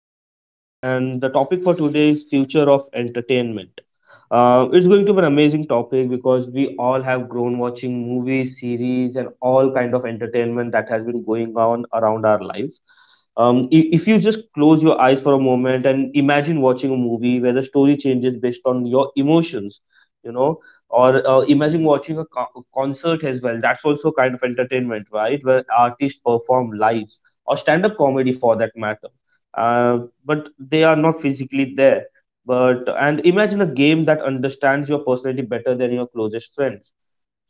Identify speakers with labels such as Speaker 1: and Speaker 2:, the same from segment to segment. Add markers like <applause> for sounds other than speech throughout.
Speaker 1: Host Dev, and the topic for today is future of entertainment. It's going to be an amazing topic because we all have grown watching movies, series, and all kind of entertainment that has been going on around our life. If you just close your eyes for a moment and imagine watching a movie where the story changes based on your emotions, you know, or imagine watching a concert as well. That's also kind of entertainment, right, where artists perform lives, or stand up comedy for that matter, uh, but they are not physically there. But And imagine a game that understands your personality better than your closest friends.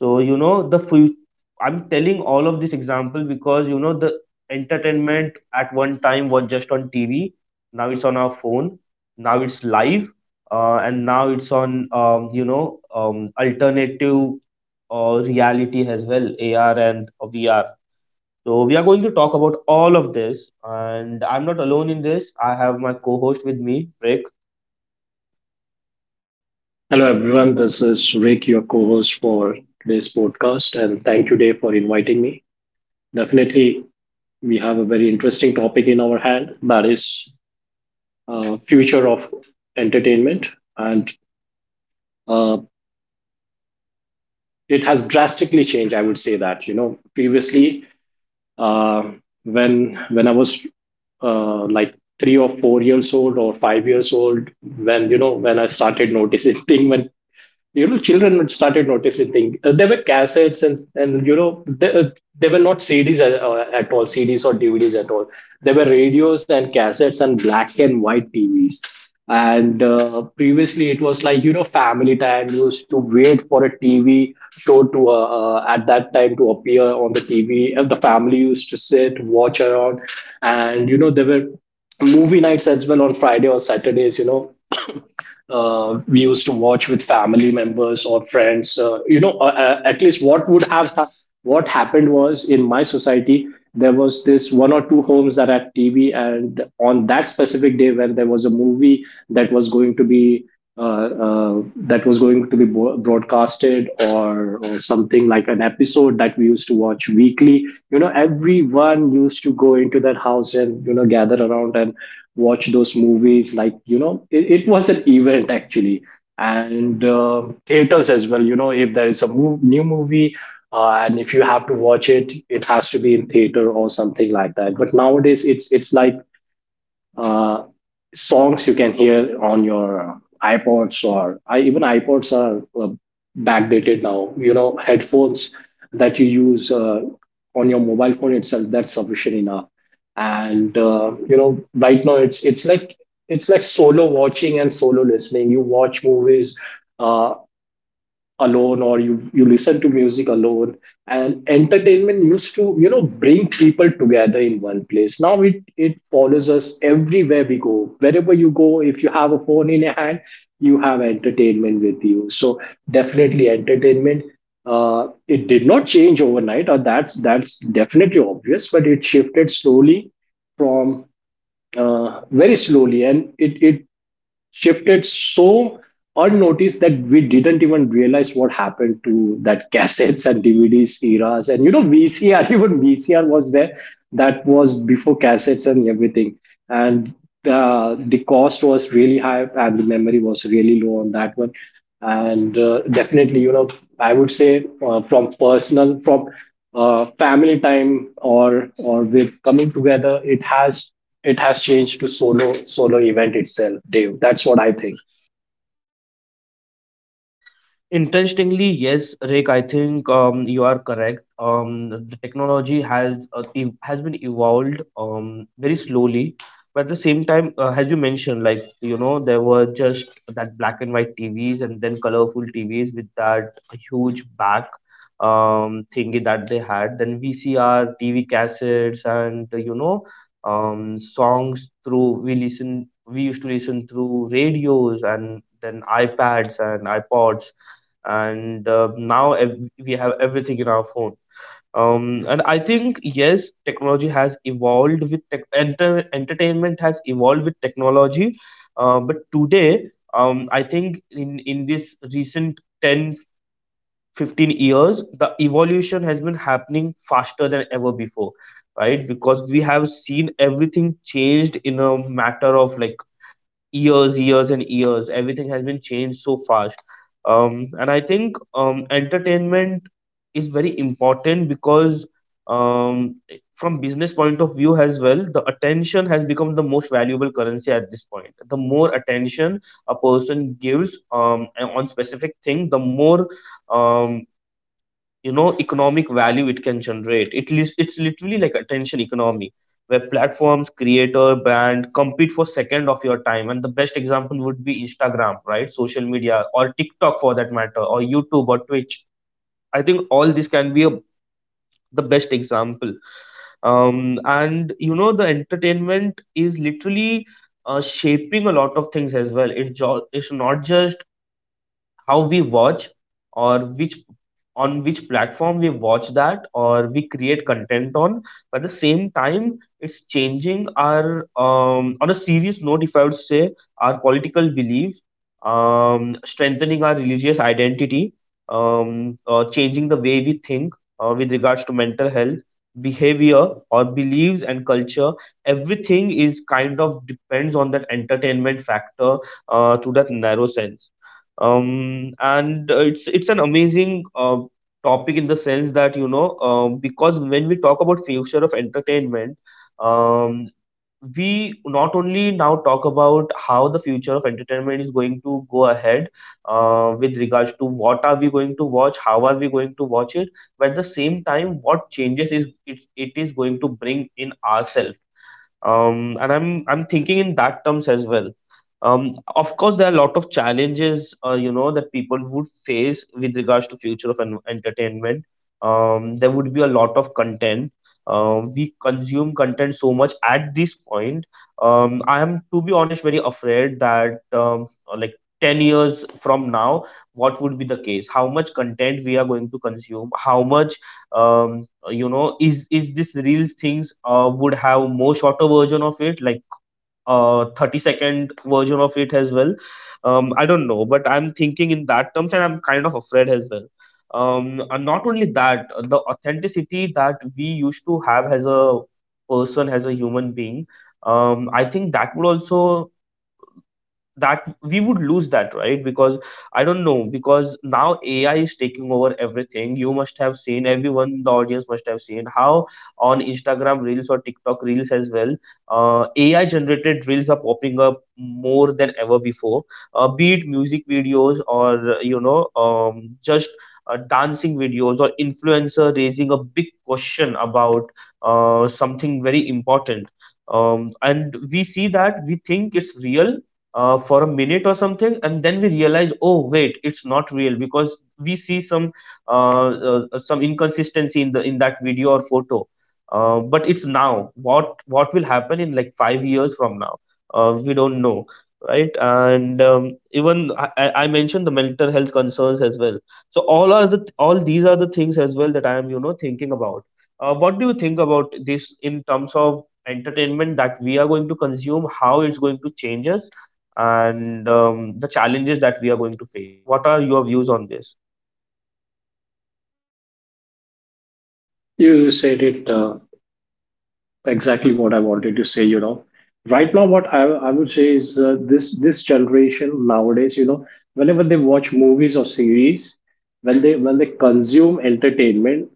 Speaker 1: so, you know, the fu- I'm telling all of this example because, the entertainment at one time was just on TV. Now it's on our phone. Now it's live. And now it's on, alternative reality as well, AR and VR. So we are going to talk about all of this. And I'm not alone in this. I have my co-host with me, Rick.
Speaker 2: Hello, everyone. This is Rick, your co host for today's podcast, and thank you, Dave, for inviting me. Definitely, we have a very interesting topic in our hand, that is future of entertainment, and uh, it has drastically changed. I would say that, you know, previously, uh, when I was like 3 or 4 years old or 5 years old, when, you know, when I started noticing <laughs> when, you know, children started noticing things, there were cassettes and, you know, they were not cds at all, cds or dvds at all. There were radios and cassettes and black and white tvs. And previously, it was like, you know, family time. You used to wait for a tv show to at that time to appear on the tv, and the family used to sit watch around. And, you know, there were movie nights as well on Friday or Saturdays, you know. We used to watch with family members or friends. You know, at least what would have ha- what happened was, in my society there was this one or two homes that had TV, and on that specific day when there was a movie that was going to be that was going to be broadcasted, or something like an episode that we used to watch weekly, you know, everyone used to go into that house and, you know, gather around and watch those movies. Like, you know, it was an event actually. And theaters as well, you know, if there is a new movie, and if you have to watch it, it has to be in theater or something like that. But nowadays it's like, uh, songs you can hear on your iPods, or I, even iPods are backdated now. You know, headphones that you use on your mobile phone itself, that's sufficient enough. And you know, right now it's like solo watching and solo listening. You watch movies Uh, alone, or you listen to music alone. And entertainment used to, you know, bring people together in one place. Now it follows us everywhere we go, wherever you go. If you have a phone in your hand, you have entertainment with you. So definitely entertainment, it did not change overnight, or that's definitely obvious, but it shifted slowly from, very slowly, and it shifted so unnoticed that we didn't even realize what happened to that cassettes and DVDs eras. And, you know, VCR <laughs> even VCR was there. That was before cassettes and everything. And the cost was really high and the memory was really low on that one. And definitely, you know, I would say, from personal, from family time, or with coming together, it has changed to solo event itself, Dave. That's what I think.
Speaker 1: Interestingly, yes, Rick, I think you are correct. The technology has has been evolved very slowly, but at the same time, as you mentioned, there were just that black and white TVs, and then colorful TVs with that huge back thingy that they had. Then VCR, TV cassettes, and songs through we used to listen through radios, and then iPads and iPods, and we have everything in our phone. And I think yes, technology has evolved with entertainment has evolved with technology. But today, I think in this recent 10 15 years, the evolution has been happening faster than ever before, right? Because we have seen everything changed in a matter of like years, years, and years. Everything has been changed so fast. And I think entertainment is very important because, um, from business point of view as well, the attention has become the most valuable currency at this point. The more attention a person gives on specific thing, the more um, you know, economic value it can generate. It's literally like attention economy, where platforms, creator, brand compete for second of your time. And the best example would be Instagram, right? Social media, or TikTok for that matter, or YouTube, or Twitch. I think all this can be the best example. And you know the entertainment is literally shaping a lot of things as well. It's not just how we watch, or which, on which platform we watch that, or we create content on, but at the same time it's changing our, on a serious note if I would say, our political belief, strengthening our religious identity, changing the way we think with regards to mental health, behavior or beliefs and culture. Everything is kind of depends on that entertainment factor, to that narrow sense. And it's an amazing topic, in the sense that because when we talk about future of entertainment, um we not only now talk about how the future of entertainment is going to go ahead with regards to what are we going to watch, how are we going to watch it, but at the same time what changes is it is going to bring in ourselves. And I'm thinking in that terms as well. Of course, there are a lot of challenges, that people would face with regards to entertainment. There would be a lot of content. We consume content so much at this point. I am, to be honest, very afraid that like 10 years from now, what would be the case? How much content we are going to consume? How much is this reels things would have more shorter version of it, like 30-second version of it as well. I don't know, but I'm thinking in that terms, and I'm kind of afraid as well. And not only that, the authenticity that we used to have as a person, as a human being, I think that would also, that we would lose that, right? Because I don't know, because now AI is taking over everything. You must have seen, everyone in the audience must have seen how, on Instagram reels or TikTok reels as well, AI generated reels are popping up more than ever before. Be it music videos, or just dancing videos, or influencer raising a big question about something very important. And we see that, we think it's real for a minute or something, and then we realize, oh wait, it's not real, because we see some inconsistency in the in that video or photo. But it's now, what will happen in like 5 years from now, we don't know, right? And even I mentioned the mental health concerns as well. So all are the, all these are the things as well that I am, you know, thinking about. What do you think about this in terms of entertainment that we are going to consume, how it's going to change us, and the challenges that we are going to face? What are your views on this?
Speaker 2: You said it, exactly what I wanted to say. You know, right now what I would say is, this generation nowadays, you know, whenever they watch movies or series, when they consume entertainment,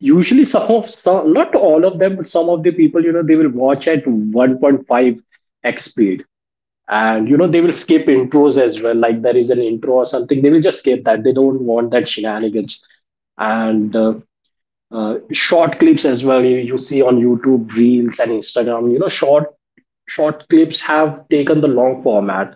Speaker 2: usually some of some, not all of them, but some of the people, you know, they will watch at 1.5 x speed. And you know, they will skip intros as well. Like, there is an intro or something, they will just skip that, they don't want that shenanigans. And short clips as well, you see on youtube reels and instagram, you know. Short clips have taken the long format.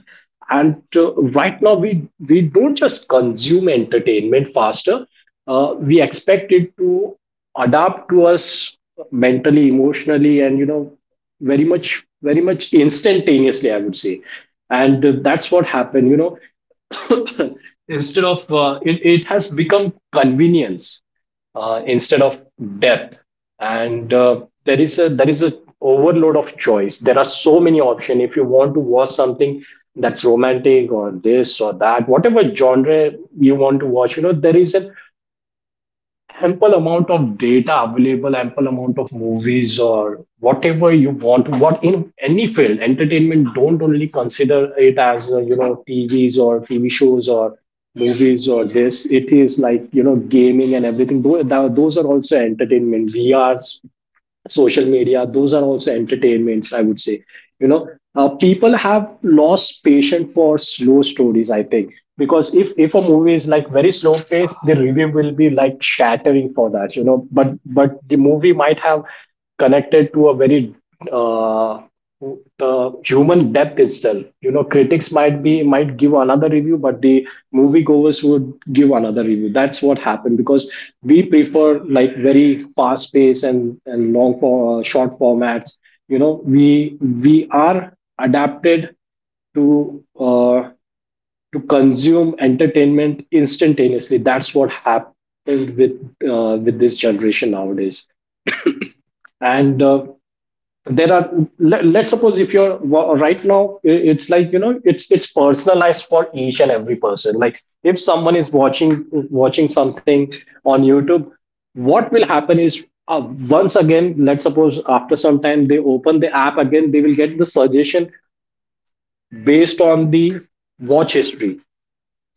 Speaker 2: And right now we don't just consume entertainment faster, we expect it to adapt to us mentally, emotionally, and, you know, very much, very much instantaneously, I would say. And that's what happened, you know. <coughs> <laughs> Instead of, it has become convenience, instead of depth. And there is a overload of choice. There are so many options, if you want to watch something that's romantic or this or that, whatever genre you want to watch, you know, there is an ample amount of data available, ample amount of movies or whatever you want. What, in any field, entertainment, don't only consider it as, you know, TVs or TV shows or movies or this. It is like, you know, gaming and everything. Those are also entertainment. We are, social media, those are also entertainments, I would say, you know. People have lost patience for slow stories, I think, because if a movie is like very slow paced, the review will be like shattering for that, you know. But the movie might have connected to a very, uh, the human depth itself, you know, critics might be, might give another review, but the moviegoers would give another review. That's what happened, because we prefer like very fast pace and long for, short formats. You know, we are adapted to, to consume entertainment instantaneously. That's what happened with, with this generation nowadays. And there are, let's suppose if right now, it's like, you know, it's personalized for each and every person. Like, if someone is watching something on youtube, what will happen is, once again let's suppose, after some time they open the app again, they will get the suggestion based on the watch history.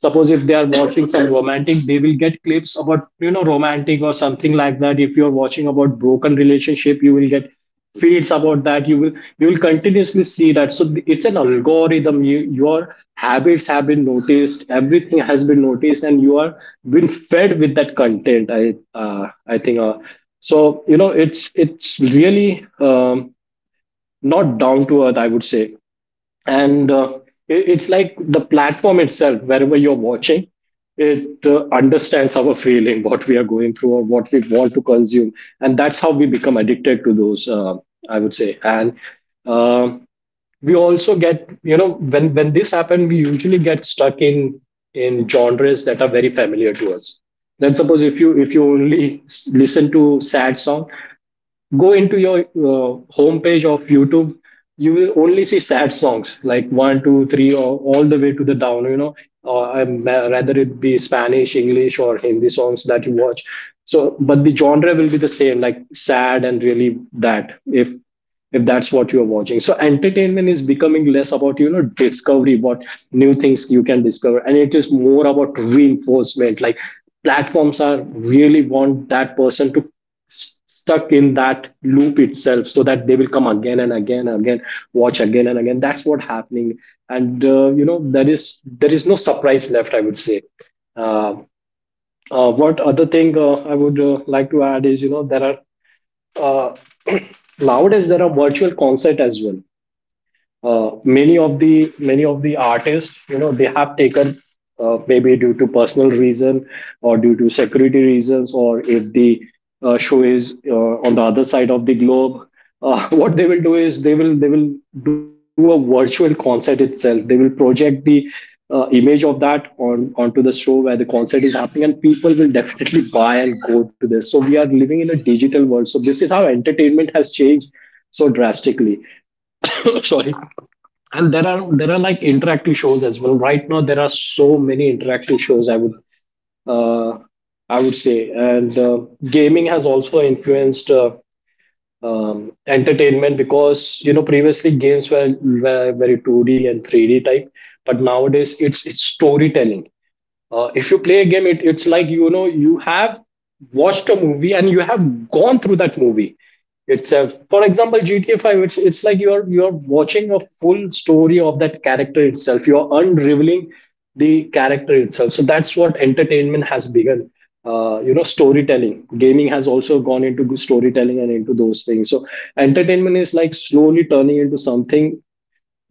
Speaker 2: Suppose if they are watching some romantic, they will get clips about, you know, romantic or something like that. If you're watching about broken relationship, you will get feeds about that, you will continuously see that. So, it's an algorithm. You, your habits have been noticed, everything has been noticed, and you are been fed with that content. I think, so, you know, it's really, um, not down to earth, I would say. And it's like the platform itself, wherever you're watching it, understands our feeling, what we are going through or what we want to consume. And that's how we become addicted to those, I would say. And um we also get, you know, when this happens, we usually get stuck in genres that are very familiar to us. Then suppose, if you only listen to sad song, go into your, homepage of YouTube, you will only see sad songs like one, two, three, or all the way to the down. You know, rather it be Spanish, English, or Hindi songs that you watch. So, but the genre will be the same, like sad and really that. If that's what you're watching, so entertainment is becoming less about, you know, discovery, what new things you can discover, and it is more about reinforcement. Like, platforms are really want that person to stuck in that loop itself, so that they will come again and again and again, watch again and again. That's what happening. And you know, there is no surprise left, I would say. uh, what other thing, I would, like to add is, you know, there are, uh, nowadays there are virtual concert as well. Many of the artists, you know, they have taken, maybe due to personal reason, or due to security reasons, or if the, show is, on the other side of the globe, <laughs> what they will do is, they will do a virtual concert itself. They will project the, image of that on onto the show where the concert is happening, and people will definitely buy and go to this. So we are living in a digital world, so this is how entertainment has changed so drastically. <coughs> Sorry. And there are like interactive shows as well. Right now there are so many interactive shows, uh, I would say. And gaming has also influenced, entertainment, because, you know, previously games were very 2D and 3D type. But nowadays it's storytelling. If you play a game, it's like, you know, you have watched a movie and you have gone through that movie. It's a, for example gta 5, it's like you're watching a full story of that character itself, you're unraveling the character itself. So that's what entertainment has begun, you know, storytelling. Gaming has also gone into good storytelling and into those things. So entertainment is like slowly turning into something,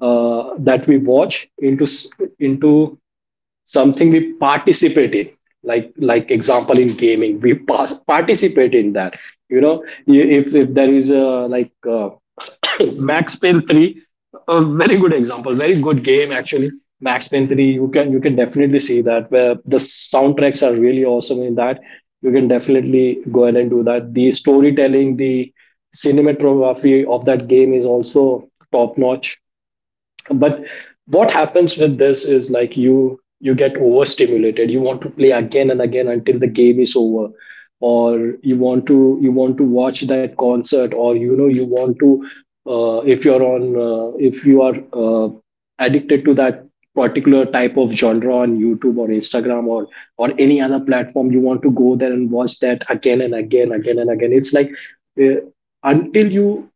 Speaker 2: that we watch, into into something we participate in. Like example in gaming we participate in that, you know. If there is a, like, uh, <coughs> max payne 3, a very good example, very good game actually. Max payne 3, you can definitely see that, where the soundtracks are really awesome in that. You can definitely go ahead and do that. The storytelling, the cinematography of that game is also top notch. But what happens with this is like, you get overstimulated, you want to play again and again until the game is over, or you want to watch that concert. Or, you know, you want to, if you're on, if you are, addicted to that particular type of genre on youtube or instagram, or any other platform, you want to go there and watch that again and again, again and again. It's like, uh, until you,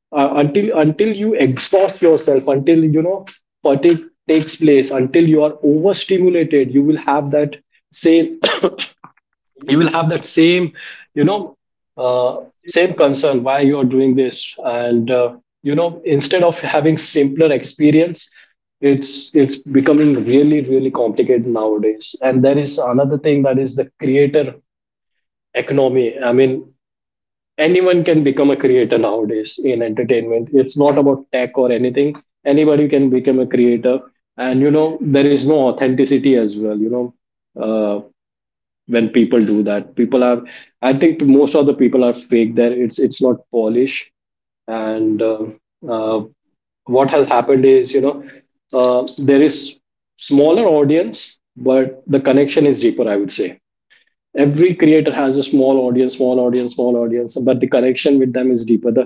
Speaker 2: until you exhaust yourself, until, you know, fatigue takes place, until you are overstimulated, you will have that same <coughs> you will have that same, you know,
Speaker 1: You-
Speaker 2: uh, same concern, why you are doing this. And you know, instead of having simpler experience, it's becoming really, really complicated nowadays. And there is another thing, that is the creator economy. I mean, anyone can become a creator nowadays in entertainment, it's not about tech or anything. Anybody can become a creator. And you know, there is no authenticity as well, you know. uh, when people do that, people are, I think most of the people are fake there, it's not polished. And uh, what has happened is, you know, uh, there is smaller audience, but the connection is deeper, I would say. Every creator has a small audience, small audience, small audience, but the connection with them is deeper. the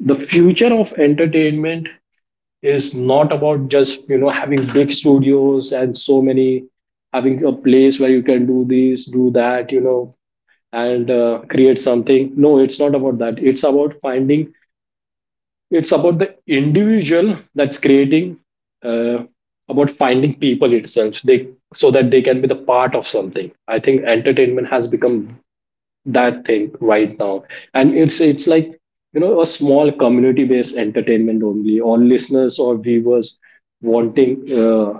Speaker 2: the future of entertainment is not about just, you know, having big studios and so many, having a place where you can do this, do that, you know, and create something. No, it's not about that. It's about finding, it's about the individual that's creating, uh, about finding people itself, they, so that they can be the part of something. I think entertainment has become that thing right now, and it's like, you know, a small community based entertainment only, or listeners or viewers wanting,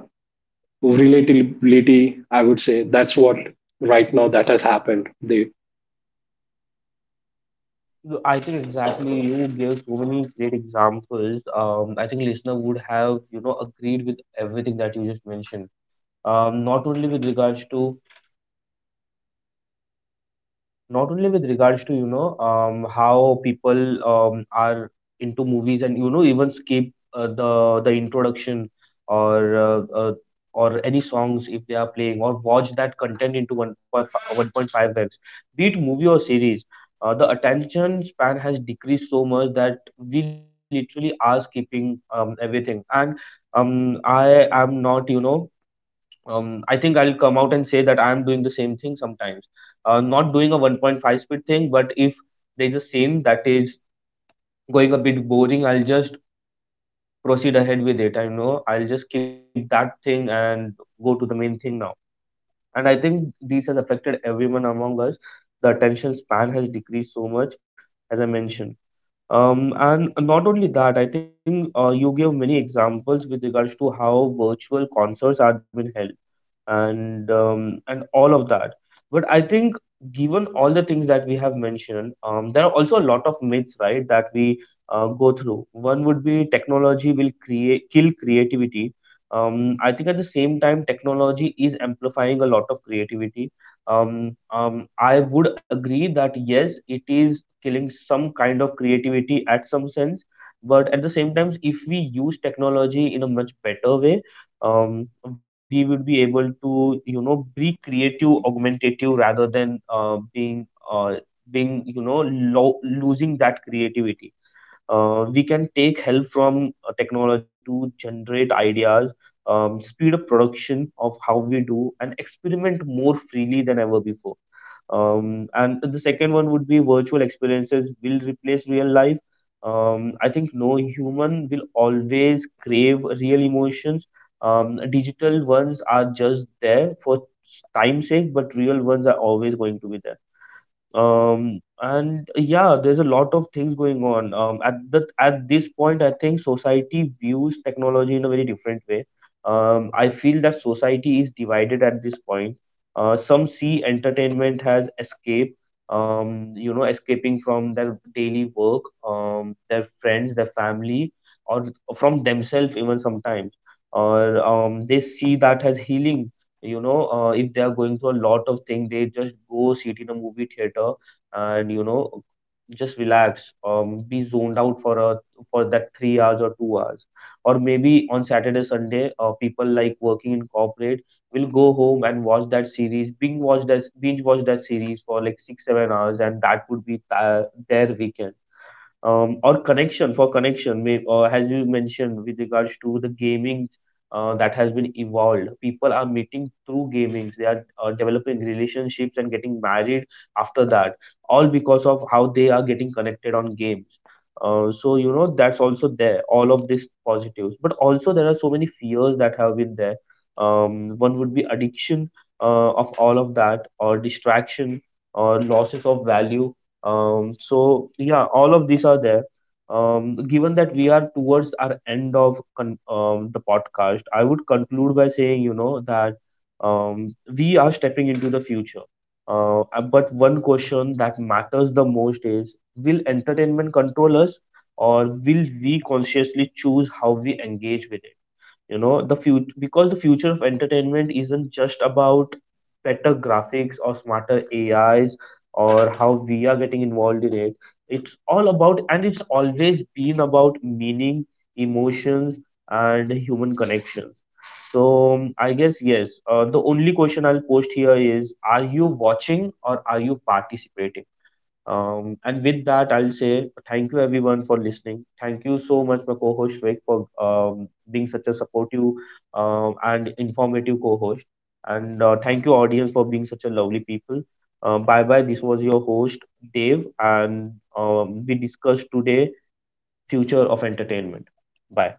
Speaker 2: relatability, I would say. That's what right now that has happened, they
Speaker 1: I think exactly you gave so many great examples. I think listener would have, you know, agreed with everything that you just mentioned. Not only with regards to Not only with regards to, how people are into movies, and, you know, even skip uh, the introduction, or uh, uh, or any songs if they are playing, or watch that content into one5 1.5x, be it movie or series. The attention span has decreased so much that we literally are skipping everything. And I am not, I think I'll come out and say that I'm doing the same thing sometimes. Not doing a 1.5 speed thing, but if there's a scene that is going a bit boring, I'll just proceed ahead with it. I know I'll just keep that thing and go to the main thing now. And I think this has affected everyone among us. The attention span has decreased so much, as I mentioned. And not only that, I think you gave many examples with regards to how virtual concerts had been held and all of that. But I think, given all the things that we have mentioned, there are also a lot of myths, right, that we go through. One would be technology will create kill creativity. I think at the same time, technology is amplifying a lot of creativity. I would agree that yes, it is killing some kind of creativity at some sense, but at the same time, if we use technology in a much better way, um, we would be able to, you know, be creative, augmentative, rather than being, you know, losing that creativity. We can take help from technology to generate ideas, speed up production of how we do, and experiment more freely than ever before. And the second one would be virtual experiences will replace real life. I think no, human will always crave real emotions. Digital ones are just there for time's sake, but real ones are always going to be there. And Yeah, there's a lot of things going on. At that at this point, I think society views technology in a very different way. I feel that society is divided at this point. Some see entertainment as escape, you know, escaping from their daily work, their friends, their family, or from themselves even sometimes. Or they see that as healing, if they are going through a lot of things, they just go sit in a movie theater and, you know, just relax, be zoned out for a, for that 3 hours or 2 hours, or maybe on saturday sunday, people like working in corporate will go home and watch that series, binge watch that, series for like 6 or 7 hours, and that would be their weekend. Or connection, for connection as you mentioned with regards to the gaming, that has been evolved, people are meeting through gaming, they are developing relationships and getting married after that, all because of how they are getting connected on games. So you know, that's also there, all of these positives, but also there are so many fears that have been there. One would be addiction, of all of that, or distraction, or losses of value. So yeah, all of these are there. Given that we are towards our end of con the podcast, I would conclude by saying, you know, that we are stepping into the future. But one question that matters the most is, will entertainment control us, or will we consciously choose how we engage with it? You know, the future, because the future of entertainment isn't just about better graphics or smarter AIs, or how we are getting involved in it, it's all about, and it's always been about, meaning, emotions, and human connections. So I guess yes, the only question I'll post here is, are you watching, or are you participating? And with that, I'll say thank you everyone for listening. Thank you so much, my co-host Rick, for being such a supportive and informative co-host. And thank you, audience, for being such a lovely people. Bye bye. This was your host Dave, and we discussed today future of entertainment. Bye.